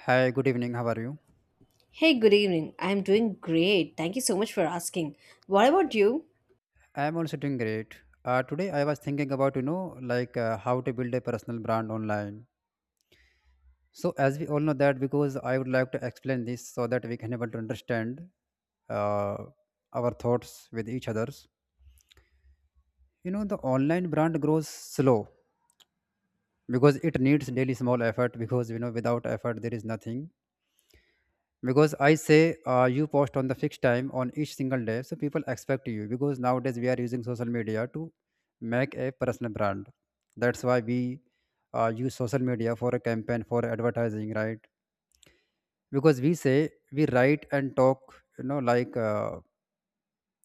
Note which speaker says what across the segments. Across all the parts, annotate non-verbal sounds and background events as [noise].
Speaker 1: Hi, good evening. How are you?
Speaker 2: Hey, good evening. I'm doing great. Thank you so much for asking. What about you?
Speaker 1: I'm also doing great. Today I was thinking about how to build a personal brand online. So as we all know that, because I would like to explain this so that we can able to understand uh, our thoughts with each others. You know, the online brand grows slow because it needs daily small effort, because you know without effort there is nothing. Because I say, you post on the fixed time on each single day so people expect you, because nowadays we are using social media to make a personal brand. That's why we use social media for a campaign for advertising, right? Because we say, we write and talk,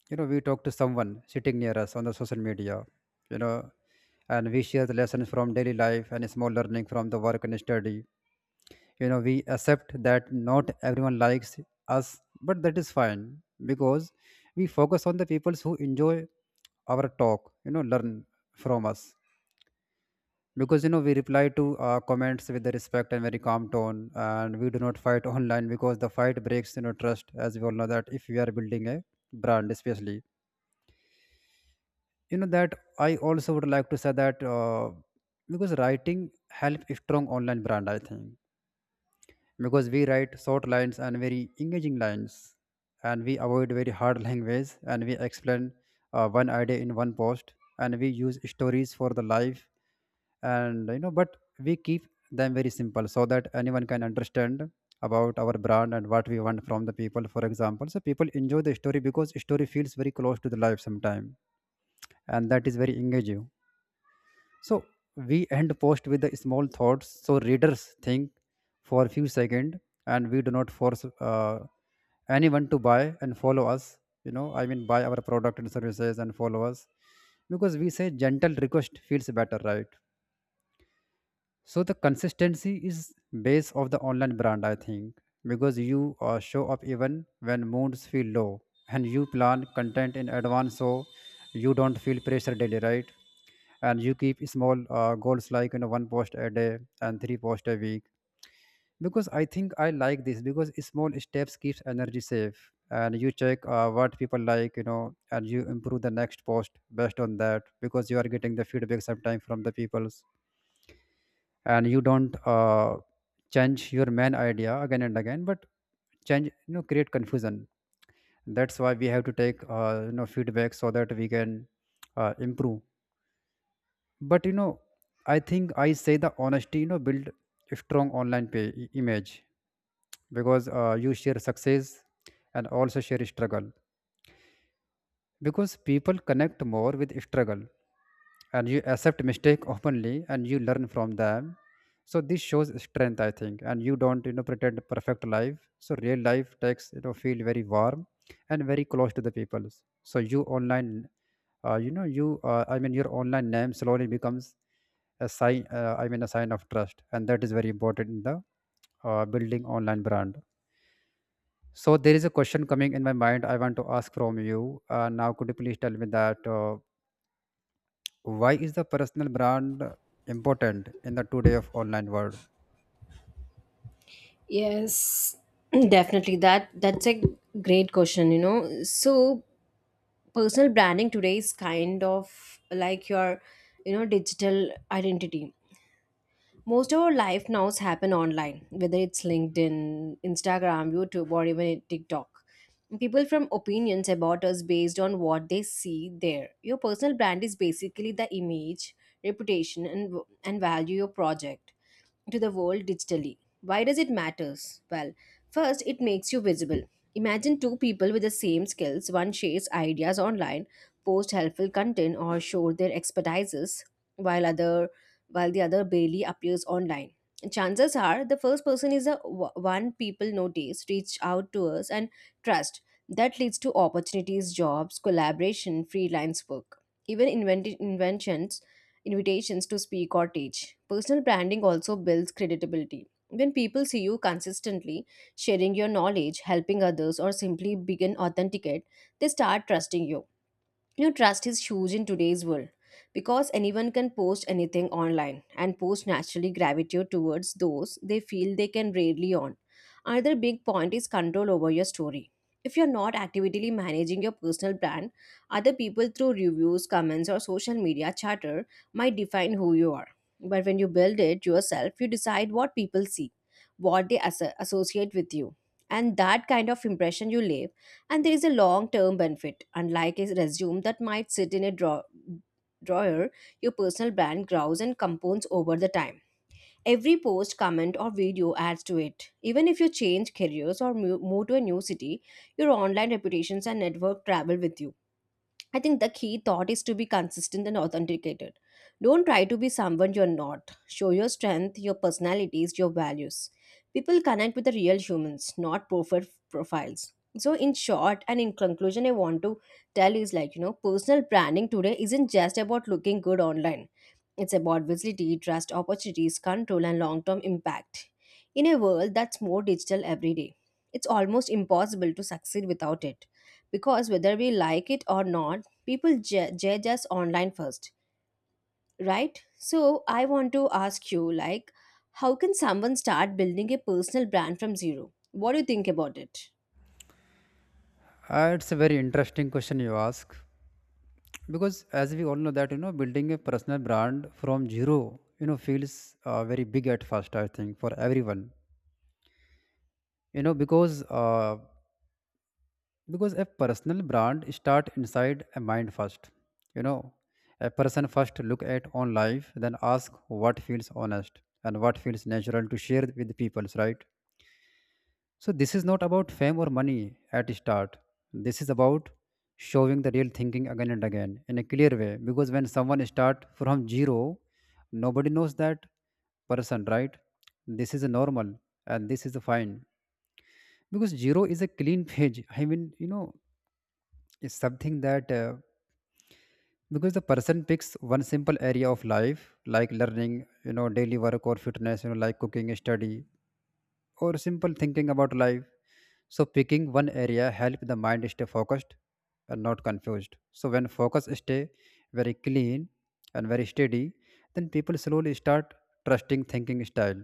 Speaker 1: you know, we talk to someone sitting near us on the social media, you know. And we share the lessons from daily life and small learning from the work and study. You know, we accept that not everyone likes us, but that is fine because we focus on the people who enjoy our talk, you know, learn from us. Because you know, we reply to comments with the respect and very calm tone, and we do not fight online because the fight breaks, you know, trust. As we all know that if we are building a brand especially, you know that, I also would like to say that, because writing help a strong online brand I think. Because we write short lines and very engaging lines, and we avoid very hard language, and we explain one idea in one post, and we use stories for the life. And you know, but we keep them very simple so that anyone can understand about our brand and what we want from the people, for example. So people enjoy the story because story feels very close to the life sometime, and that is very engaging. So we end post with the small thoughts. So readers think for a few seconds, and we do not force anyone to buy and follow us. You know, I mean, buy our product and services and follow us, because we say gentle request feels better, right? So the consistency is base of the online brand, I think, because you show up even when moods feel low, and you plan content in advance, so you don't feel pressure daily, right? And you keep small goals, like you know, one post a day and three post a week, because I think I like this because small steps keeps energy safe. And you check what people like, you know, and you improve the next post based on that, because you are getting the feedback sometime from the peoples. And you don't change your main idea again and again, but change, you know, create confusion. That's why we have to take you know, feedback so that we can improve. But you know, I think I say the honesty, you know, build a strong online image. Because you share success and also share struggle, because people connect more with struggle. And you accept mistake [laughs] openly, and you learn from them. So this shows strength, I think. And you don't, you know, pretend perfect life, so real life takes, you know, feel very warm and very close to the people. So you online, you know you I mean your online name slowly becomes a sign, i mean a sign of trust, and that is very important in the building online brand. So there is a question coming in my mind, I want to ask from you. Now could you please tell me that, why is the personal brand important in the today of online world?
Speaker 2: Yes. [clears throat] Definitely that's a great question, you know. So personal branding today is kind of like your, you know, digital identity. Most of our life now happen online, whether it's LinkedIn, Instagram, YouTube, or even TikTok. People from opinions about us based on what they see there. Your personal brand is basically the image, reputation, and value your project to the world digitally. Why does it matters? Well, first it makes you visible. Imagine two people with the same skills, one shares ideas online, posts helpful content or shows their expertises while other while the other barely appears online. Chances are the first person is the one people notice, reach out to us and trust. That leads to opportunities, jobs, collaboration, freelance work. Even inventions invitations to speak or teach. Personal branding also builds credibility. When people see you consistently sharing your knowledge, helping others, or simply being authenticate, they start trusting you. You know, trust is huge in today's world because anyone can post anything online and posts naturally gravitate towards those they feel they can rarely on. Another big point is control over your story. If you're not actively managing your personal brand, other people through reviews, comments, or social media chatter might define who you are. But when you build it yourself, you decide what people see, what they associate with you. And that kind of impression you leave and there is a long term benefit. Unlike a resume that might sit in a drawer, your personal brand grows and compounds over the time. Every post, comment, or video adds to it. Even if you change careers or move to a new city, your online reputations and network travel with you. I think the key thought is to be consistent and authenticated. Don't try to be someone you're not. Show your strength, your personalities, your values. People connect with the real humans, not perfect profiles. So, in short and in conclusion, I want to tell is like, you know, personal branding today isn't just about looking good online, it's about visibility, trust, opportunities, control, and long term impact. In a world that's more digital every day, it's almost impossible to succeed without it because whether we like it or not, people judge us online first, right? So I want to ask you like, how can someone start building a personal brand from zero? What do you think about it?
Speaker 1: It's a very interesting question you ask, because as we all know that, you know, building a personal brand from zero, you know, feels very big at first I think for everyone. You know because uh, because a personal brand start inside a mind first, you know. A person first look at own life, then ask what feels honest and what feels natural to share with the peoples, right? So this is not about fame or money at start. This is about showing the real thinking again and again in a clear way. Because when someone start from zero, nobody knows that person, right? This is normal, and this is fine. Because zero is a clean [laughs] page, I mean, you know, is something that because the person picks one simple area of life, like learning, you know, daily work or fitness, you know, like cooking, study, or simple thinking about life. So picking one area help the mind stay focused and not confused. So when focus stay very clean and very steady, then people slowly start trusting thinking style.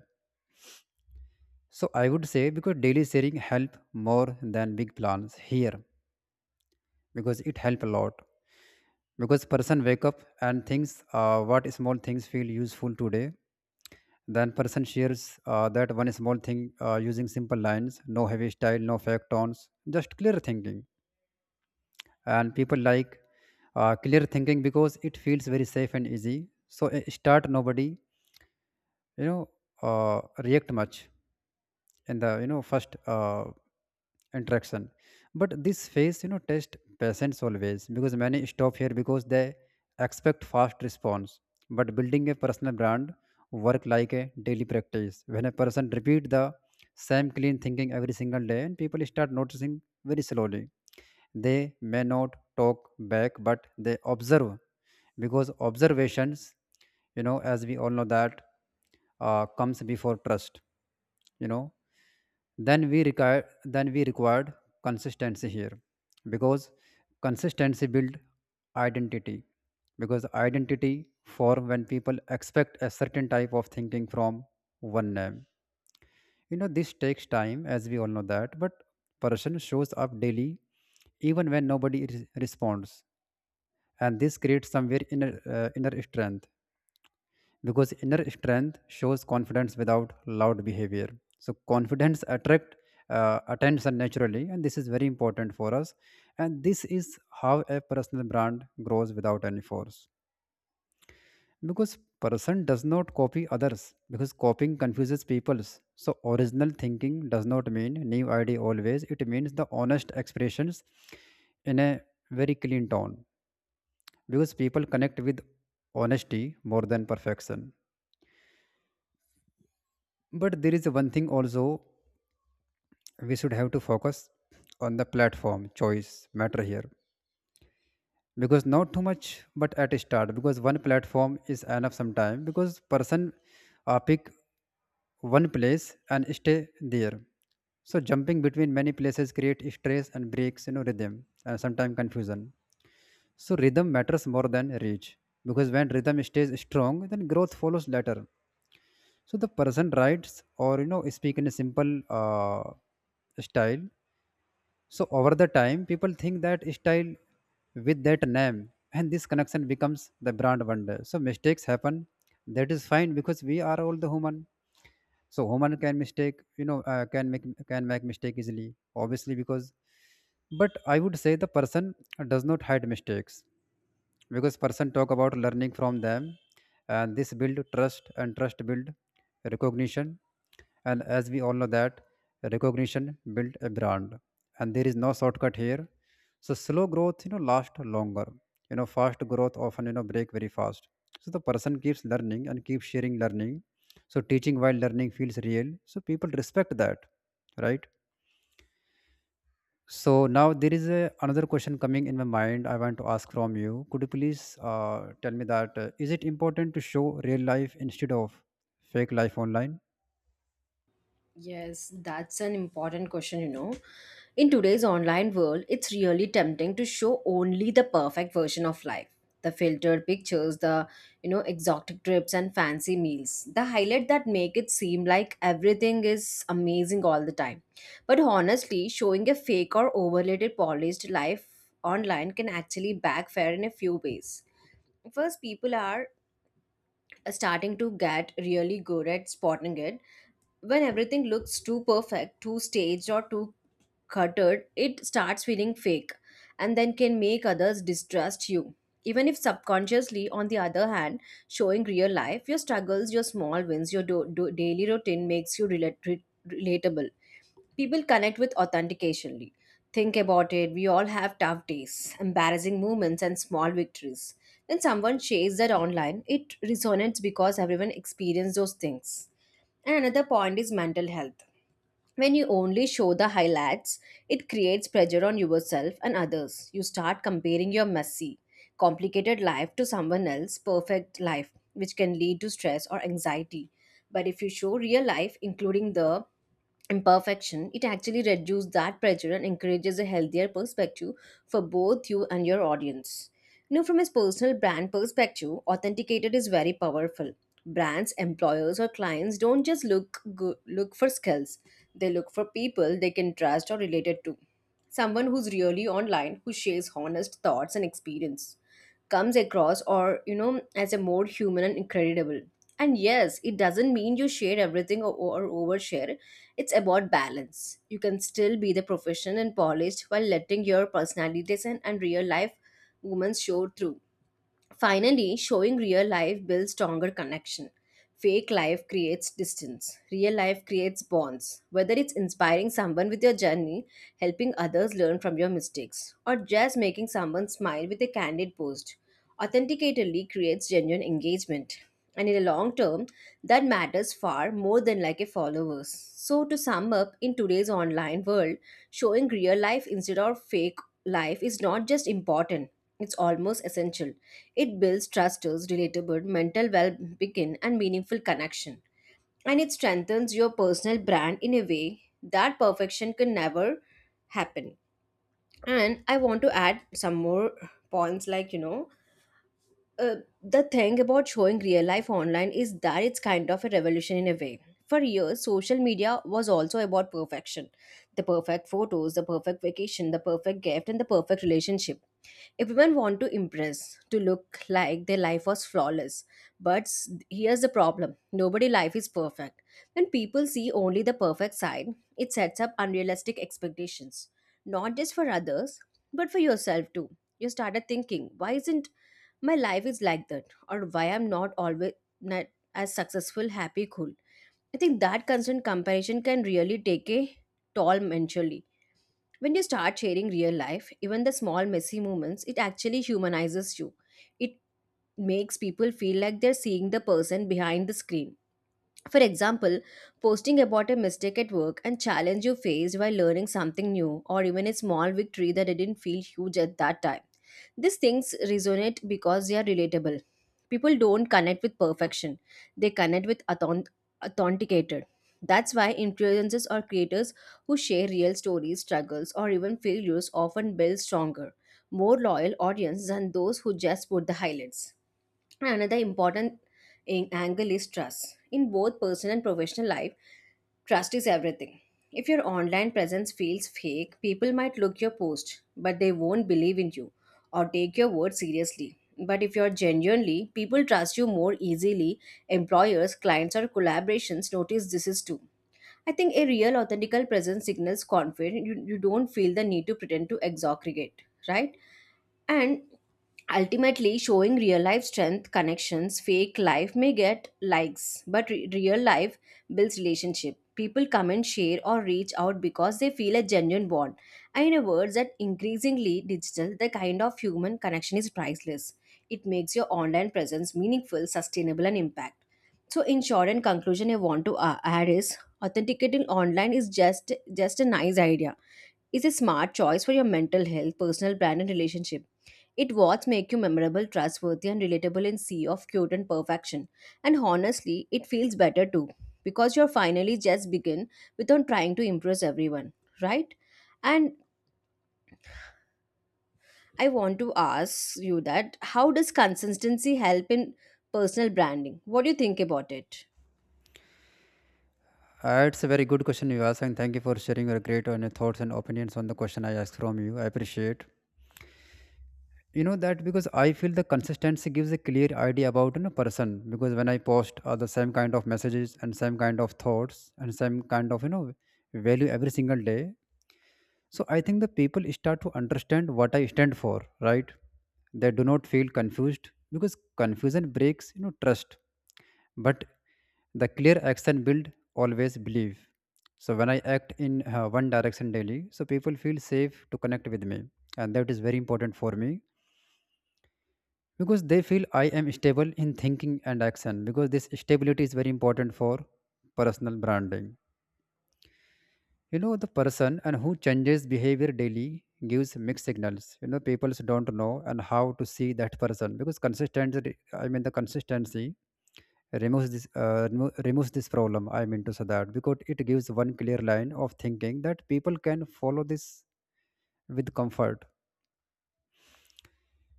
Speaker 1: So I would say, because daily sharing help more than big plans here, because it help a lot. Because person wake up and thinks, what small things feel useful today, then person shares that one small thing, using simple lines, no heavy style, no fake tones, just clear thinking. And people like clear thinking because it feels very safe and easy. So start nobody, you know, uh, react much in the, you know, first interaction. But this phase, you know, test patience always, because many stop here because they expect fast response. But building a personal brand work like a daily practice. When a person repeat the same clean thinking every single day, and people start noticing very slowly. They may not talk back, but they observe, because observations, you know, as we all know that, comes before trust, you know. Then we required consistency here, because consistency build identity. Because identity for when people expect a certain type of thinking from one name. You know, this takes time, as we all know that. But person shows up daily, even when responds. And this creates somewhere inner, inner strength, because inner strength shows confidence without loud behavior. So confidence attract attention naturally, and this is very important for us. And this is how a personal brand grows without any force. Because person does not copy others, because copying confuses peoples. So original thinking does not mean new idea always, it means the honest expressions in a very clean tone. Because people connect with honesty more than perfection. But there is one thing also, we should have to focus on the platform choice matter here. Because not too much but at start, because one platform is enough sometime. Because person pick one place and stay there. So jumping between many places create stress and breaks, you know, rhythm and sometimes confusion. So rhythm matters more than reach, because when rhythm stays strong, then growth follows later. So the person writes or, you know, speak in a simple uh, style. So over the time, people think that style with that name, and this connection becomes the brand wonder. So mistakes happen, that is fine, because we are all the human. So human can mistake, you know, can make mistake easily obviously because. But I would say the person does not hide mistakes, because person talk about learning from them. And this build trust, and trust build recognition. And as we all know that, recognition build a brand. And there is no shortcut here. So slow growth, you know, last longer, you know, fast growth often, you know, break very fast. So the person keeps learning and keeps sharing learning. So teaching while learning feels real, so people respect that, right? So now there is another question coming in my mind. I want to ask from you. Could you please tell me that, is it important to show real life instead of fake life online?
Speaker 2: Yes, that's an important question, you know. In today's online world, it's really tempting to show only the perfect version of life. The filtered pictures, the, you know, exotic trips and fancy meals. The highlight that make it seem like everything is amazing all the time. But honestly, showing a fake or overrated polished life online can actually backfire in a few ways. First, people are starting to get really good at spotting it. When everything looks too perfect, too staged, or too cluttered, it starts feeling fake and then can make others distrust you. Even if subconsciously, on the other hand, showing real life, your struggles, your small wins, your daily routine makes you relatable. People connect with authenticationally. Think about it, we all have tough days, embarrassing moments, and small victories. When someone shares that online, it resonates because everyone experienced those things. And another point is mental health. When you only show the highlights, it creates pressure on yourself and others. You start comparing your messy, complicated life to someone else's perfect life, which can lead to stress or anxiety. But if you show real life, including the imperfection, it actually reduces that pressure and encourages a healthier perspective for both you and your audience. You know, from his personal brand perspective, authenticated is very powerful. Brands, employers, or clients don't just look for skills; they look for people they can trust or related to. Someone who's really online, who shares honest thoughts and experience, comes across, or you know, as a more human and credible. And yes, it doesn't mean you share everything or overshare. It's about balance. You can still be the professional and polished while letting your personalities and real life moments show through. Finally, showing real life builds stronger connection. Fake life creates distance. Real life creates bonds. Whether it's inspiring someone with your journey, helping others learn from your mistakes, or just making someone smile with a candid post, authenticatedly creates genuine engagement. And in the long term, that matters far more than like a followers. So to sum up, in today's online world, showing real life instead of fake life is not just important, it's almost essential. It builds trusters, relatable, mental well-being, and meaningful connection. And it strengthens your personal brand in a way that perfection can never happen. And I want to add some more points like, you know, uh, the thing about showing real life online is that it's kind of a revolution in a way. For years, social media was also about perfection, the perfect photos, the perfect vacation, the perfect gift, and the perfect relationship. If women want to impress, to look like their life was flawless, but here's the problem, nobody life is perfect. When people see only the perfect side, it sets up unrealistic expectations, not just for others, but for yourself too. You started thinking, why isn't my life is like that, or why I'm not always not as successful, happy, cool. I think that constant comparison can really take a toll mentally. When you start sharing real life, even the small messy moments, it actually humanizes you. It makes people feel like they're seeing the person behind the screen. For example, posting about a mistake at work and challenge you faced while learning something new, or even a small victory that didn't feel huge at that time. These things resonate because they are relatable. People don't connect with perfection, they connect with authenticated. That's why influencers or creators who share real stories, struggles, or even failures often build stronger, more loyal audience than those who just put the highlights. Another important angle is trust. In both personal and professional life, trust is everything. If your online presence feels fake, people might look your post, but they won't believe in you or take your word seriously. But if you're genuinely, people trust you more easily. Employers, clients, or collaborations notice this is too. I think a real authentical presence signals confidence. You don't feel the need to pretend to exaggerate, right? And ultimately, showing real life strength connections, fake life may get likes, but real life builds relationship. People come and share or reach out because they feel a genuine bond. And in a world that increasingly digital, the kind of human connection is priceless. It makes your online presence meaningful, sustainable, and impact. So, in short and conclusion, I want to add is, authenticating online is just a nice idea, is a smart choice for your mental health, personal brand, and relationship. It what make you memorable, trustworthy, and relatable in sea of cute and perfection. And honestly, it feels better too because you're finally just begin without trying to impress everyone, right? And I want to ask you that, how does consistency help in personal branding? What do you think about it?
Speaker 1: It's a very good question you asked, and thank you for sharing your great on thoughts and opinions on the question I asked from you. I appreciate. You know that because I feel the consistency gives a clear idea about a person. Because when I post the same kind of messages and same kind of thoughts and same kind of, you know, value every single day, so I think the people start to understand what I stand for, right? They do not feel confused because confusion breaks, you know, trust. But the clear action build always believe. So when I act in one direction daily, so people feel safe to connect with me, and that is very important for me, because they feel I am stable in thinking and action, because this stability is very important for personal branding. You know, the person and who changes behavior daily gives mixed signals. You know, people don't know and how to see that person because consistency, I mean the consistency removes this removes this problem. I mean to say that because it gives one clear line of thinking that people can follow this with comfort.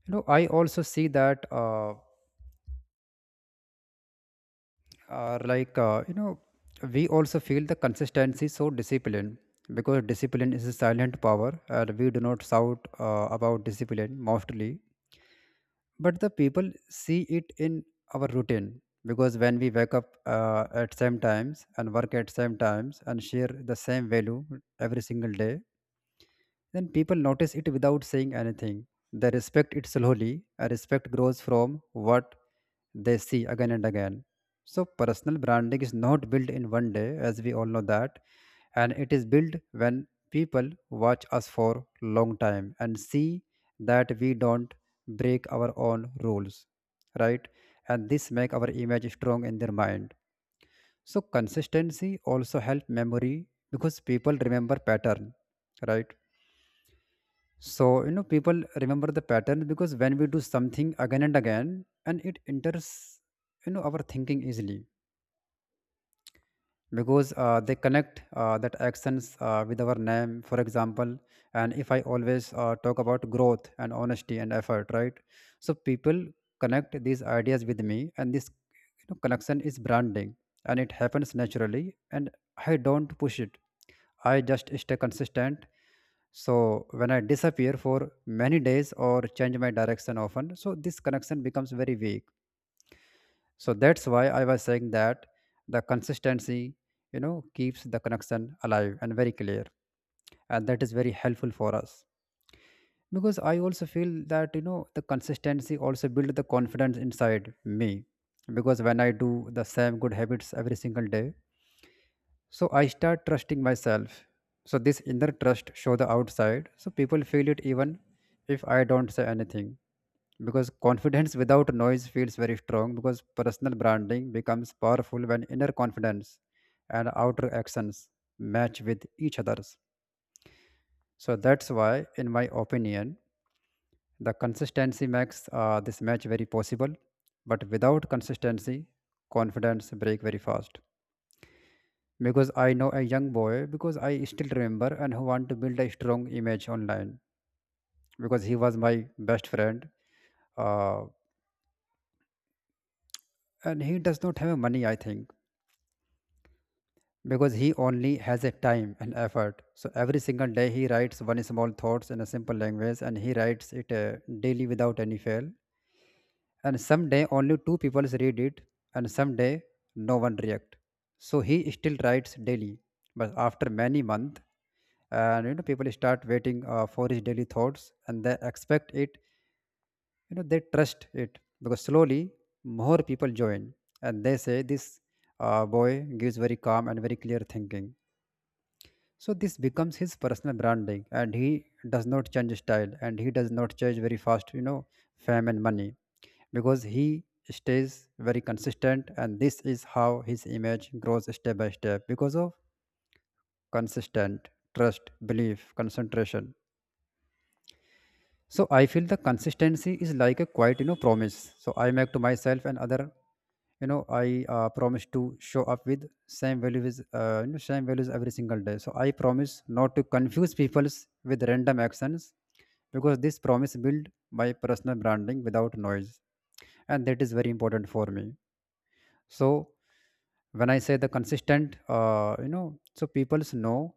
Speaker 1: You know, I also see that uh, like uh, you know we also feel the consistency so discipline, because discipline is a silent power and we do not shout about discipline mostly, but the people see it in our routine. Because when we wake up at same times and work at same times and share the same value every single day, then people notice it without saying anything. They respect it slowly. A respect grows from what they see again and again. So, personal branding is not built in one day, as we all know that, and it is built when people watch us for long time and see that we don't break our own rules, right? And this make our image strong in their mind. So, consistency also help memory because people remember pattern, right? So, people remember the pattern because when we do something again and again, and it enters, our thinking easily, because they connect that actions with our name, for example. And if I always talk about growth and honesty and effort, right? So, people connect these ideas with me, and this, you know, connection is branding, and it happens naturally, and I don't push it. I just stay consistent. So when I disappear for many days or change my direction often, so this connection becomes very weak. So that's why I was saying that the consistency, you know, keeps the connection alive and very clear. And that is very helpful for us. Because I also feel that, you know, the consistency also builds the confidence inside me. Because when I do the same good habits every single day, so I start trusting myself. So this inner trust show the outside. So people feel it even if I don't say anything. Because confidence without noise feels very strong, because personal branding becomes powerful when inner confidence and outer actions match with each other's. So that's why, in my opinion, the consistency makes this match very possible. But without consistency, confidence break very fast. Because I know a young boy, because I still remember, and who want to build a strong image online because he was my best friend uh, and he does not have money, I think, because he only has a time and effort. So every single day he writes one small thoughts in a simple language, and he writes it daily without any fail. And someday only two people read it, and someday no one react, so he still writes daily. But after many months, and you know, people start waiting for his daily thoughts, and they expect it. You know, they trust it. Because slowly more people join, and they say this boy gives very calm and very clear thinking. So this becomes his personal branding, and he does not change style, and he does not change very fast, you know, fame and money, because he stays very consistent, and this is how his image grows step by step because of consistent trust, belief, concentration. So I feel the consistency is like a quiet, you know, promise. So I make to myself and other. I promise to show up with same values, same values every single day. So I promise not to confuse people with random actions because this promise build my personal branding without noise, and that is very important for me. So when I say the consistent, uh, you know so people's know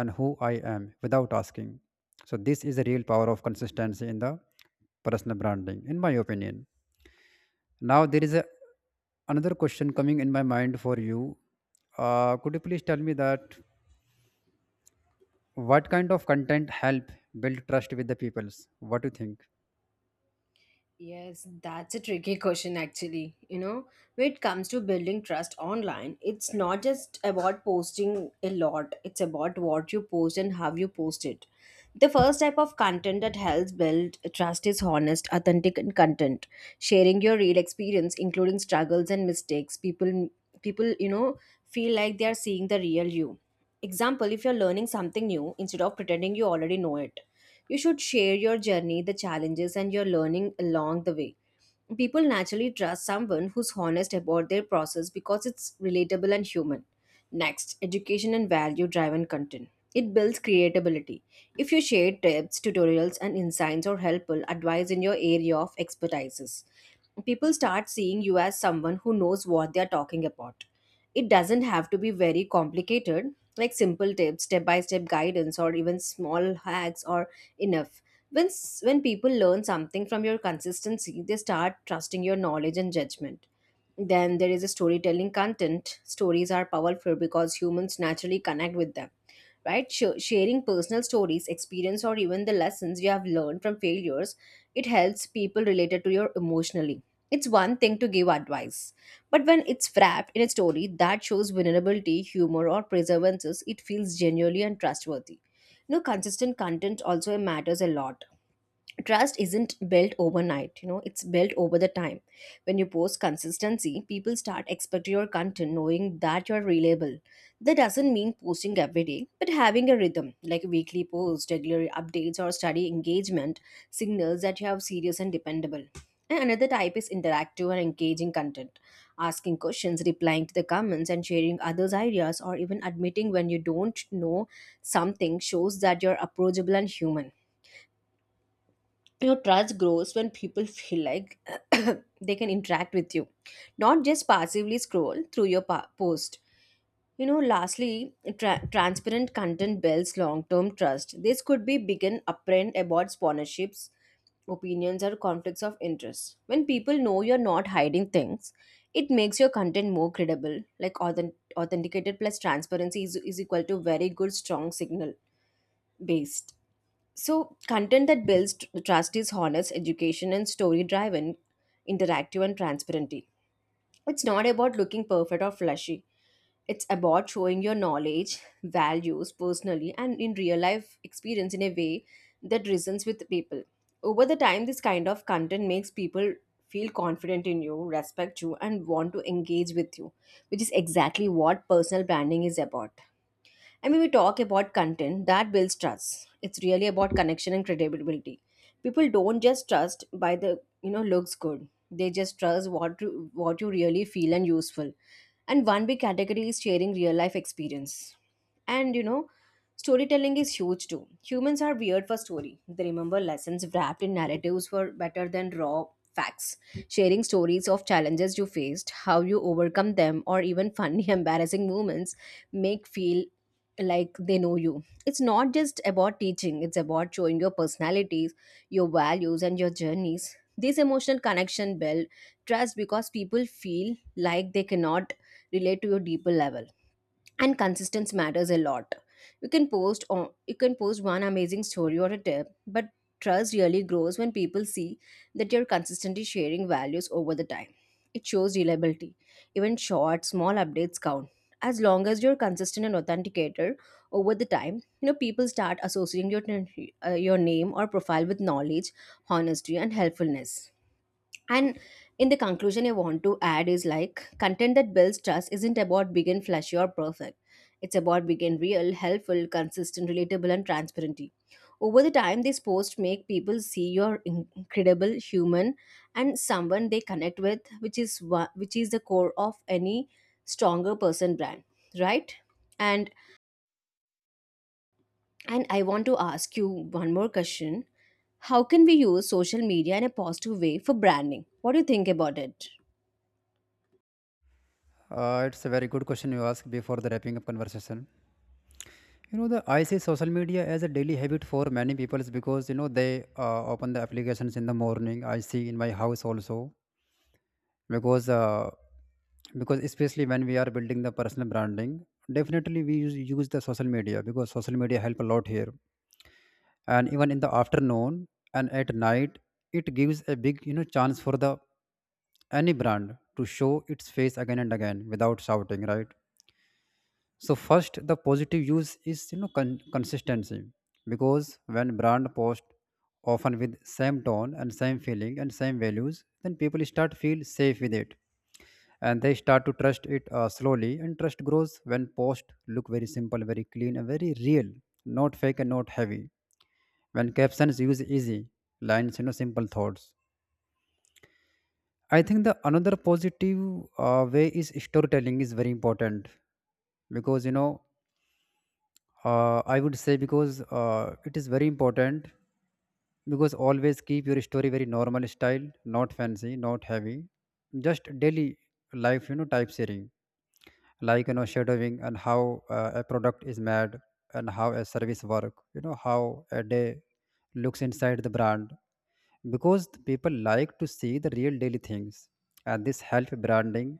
Speaker 1: and who I am without asking. So this is a real power of consistency in the personal branding, in my opinion. Now there is a, another question coming in my mind for you. Could you please tell me that what kind of content help build trust with the peoples? What do you think?
Speaker 2: Yes, that's a tricky question actually. You know, when it comes to building trust online, it's not just about posting a lot, it's about what you post and how you post it. The first type of content that helps build trust is honest, authentic and content. Sharing your real experience, including struggles and mistakes, people, you know, feel like they are seeing the real you. Example, if you're learning something new, instead of pretending you already know it, you should share your journey, the challenges, and your learning along the way. People naturally trust someone who's honest about their process because it's relatable and human. Next, education and value driven content. It builds creatability. If you share tips, tutorials, and insights or helpful advice in your area of expertise, people start seeing you as someone who knows what they are talking about. It doesn't have to be very complicated, like simple tips, step by step guidance, or even small hacks are enough. When people learn something from your consistency, they start trusting your knowledge and judgment. Then there is a storytelling content. Stories are powerful because humans naturally connect with them, right? Sharing personal stories, experience, or even the lessons you have learned from failures, it helps people related to you emotionally. It's one thing to give advice, but when it's wrapped in a story that shows vulnerability, humor, or perseverance, it feels genuinely and trustworthy. You know, consistent content also matters a lot. Trust isn't built overnight, you know, it's built over the time. When you post consistency, people start expecting your content, knowing that you're reliable. That doesn't mean posting every day, but having a rhythm like weekly posts, regular updates, or study engagement signals that you have serious and dependable. And another type is interactive and engaging content. Asking questions, replying to the comments, and sharing others ideas, or even admitting when you don't know something shows that you're approachable and human. You know, trust grows when people feel like [coughs] [clears throat] they can interact with you, not just passively scroll through your post. You know, lastly, transparent content builds long-term trust. This could be begin upfront about sponsorships, opinions, or conflicts of interest. When people know you're not hiding things, it makes your content more credible, like authenticated plus transparency is equal to very good strong signal based. So, content that builds trust is honest, education, and story driven, interactive, and transparency. It's not about looking perfect or flashy. It's about showing your knowledge, values personally, and in real life experience in a way that resonates with people. Over the time, this kind of content makes people feel confident in you, respect you, and want to engage with you, which is exactly what personal branding is about. I mean, we talk about content that builds trust. It's really about connection and credibility. People don't just trust by the, you know, looks good. They just trust what you really feel and useful. And one big category is sharing real life experience. And you know, storytelling is huge too. Humans are weird for story. They remember lessons wrapped in narratives were better than raw facts. Sharing stories of challenges you faced, how you overcome them, or even funny, [laughs] embarrassing moments make feel like they know you. It's not just about teaching, it's about showing your personalities, your values, and your journeys. This emotional connection build trust because people feel like they cannot relate to your deeper level. And consistency matters a lot. You can post one amazing story or a tip, but trust really grows when people see that you're consistently sharing values over the time. It shows reliability. Even short small updates count, as long as you're consistent and authenticator. Over the time, you know, people start associating your name or profile with knowledge, honesty, and helpfulness. And in the conclusion, I want to add is like content that builds trust isn't about big and flashy or perfect. It's about big and real, helpful, consistent, relatable, and transparent. Over the time, these posts make people see you're incredible human and someone they connect with, which is which is the core of any stronger person brand, right? And and I want to ask you one more question: how can we use social media in a positive way for branding? What do you think about it?
Speaker 1: It's a very good question you asked before the wrapping up conversation. You know, the, I see social media as a daily habit for many peoples because you know they open the applications in the morning. I see in my house also because especially when we are building the personal branding, definitely we use the social media because social media help a lot here, and even in the afternoon and at night. It gives a big, you know, chance for the any brand to show its face again and again without shouting, right? So first, the positive use is, you know, consistency, because when brand post often with same tone and same feeling and same values, then people start feel safe with it, and they start to trust it slowly. And trust grows when post look very simple, very clean, and very real, not fake and not heavy, when captions use easy lines, you know, simple thoughts. I think the another positive way is storytelling is very important. Because you know, I would say, because it is very important, because always keep your story very normal style, not fancy, not heavy, just daily life, you know, type sharing, like, you know, shadowing, and how a product is made, and how a service work, you know, how a day looks inside the brand. Because the people like to see the real daily things, and this help branding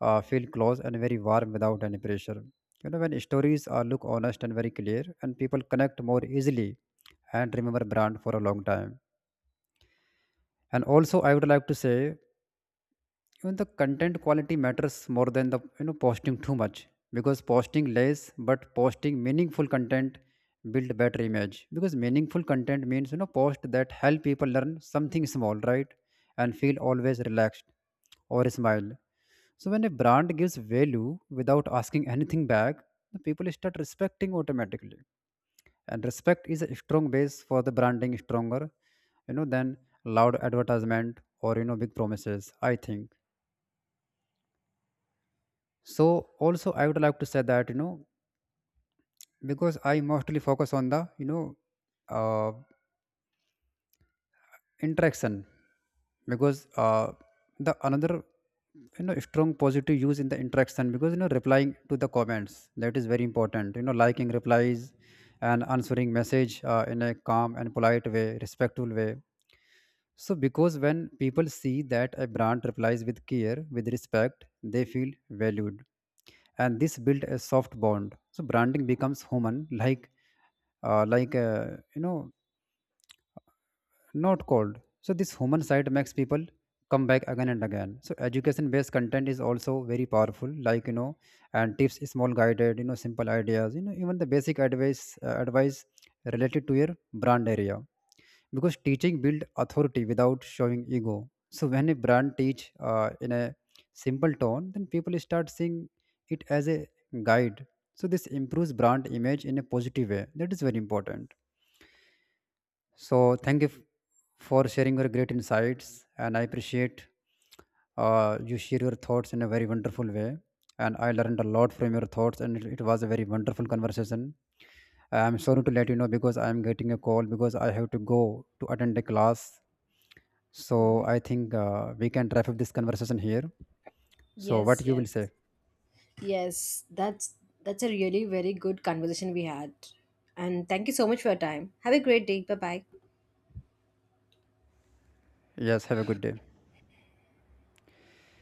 Speaker 1: feel close and very warm without any pressure. You know, when stories are look honest and very clear, and people connect more easily and remember brand for a long time. And also I would like to say, even the content quality matters more than the, you know, posting too much. Because posting less but posting meaningful content build better image, because meaningful content means, you know, post that help people learn something small, right? And feel always relaxed or smile. So when a brand gives value without asking anything back, the people start respecting automatically. And respect is a strong base for the branding, stronger, you know, than loud advertisement or, you know, big promises, I think. So also I would like to say that, you know, because I mostly focus on the, you know, uh, interaction. Because the another, you know, strong positive use in the interaction, because you know, replying to the comments, that is very important, you know, liking replies and answering message in a calm and polite way, respectful way. So because when people see that a brand replies with care, with respect, they feel valued, and this build a soft bond. So branding becomes human like, uh, like uh, you know not cold. So this human side makes people come back again and again. So education-based content is also very powerful, like, you know, and tips, small guided, you know, simple ideas, you know, even the basic advice related to your brand area. Because teaching build authority without showing ego. So when a brand teach in a simple tone, then people start seeing it as a guide. So this improves brand image in a positive way. That is very important. So thank you for sharing your great insights, and I appreciate you share your thoughts in a very wonderful way. And I learned a lot from your thoughts, and it was a very wonderful conversation. I'm sorry to let you know because I'm getting a call because I have to go to attend a class. So
Speaker 2: Mhm.
Speaker 1: I think we can wrap up this conversation here. So
Speaker 2: Yes,
Speaker 1: what you will
Speaker 2: yes.
Speaker 1: say?
Speaker 2: Yes, that's a really very good conversation we had. And thank you so much for your time. Have a great day. Bye-bye.
Speaker 1: Yes, have a good day.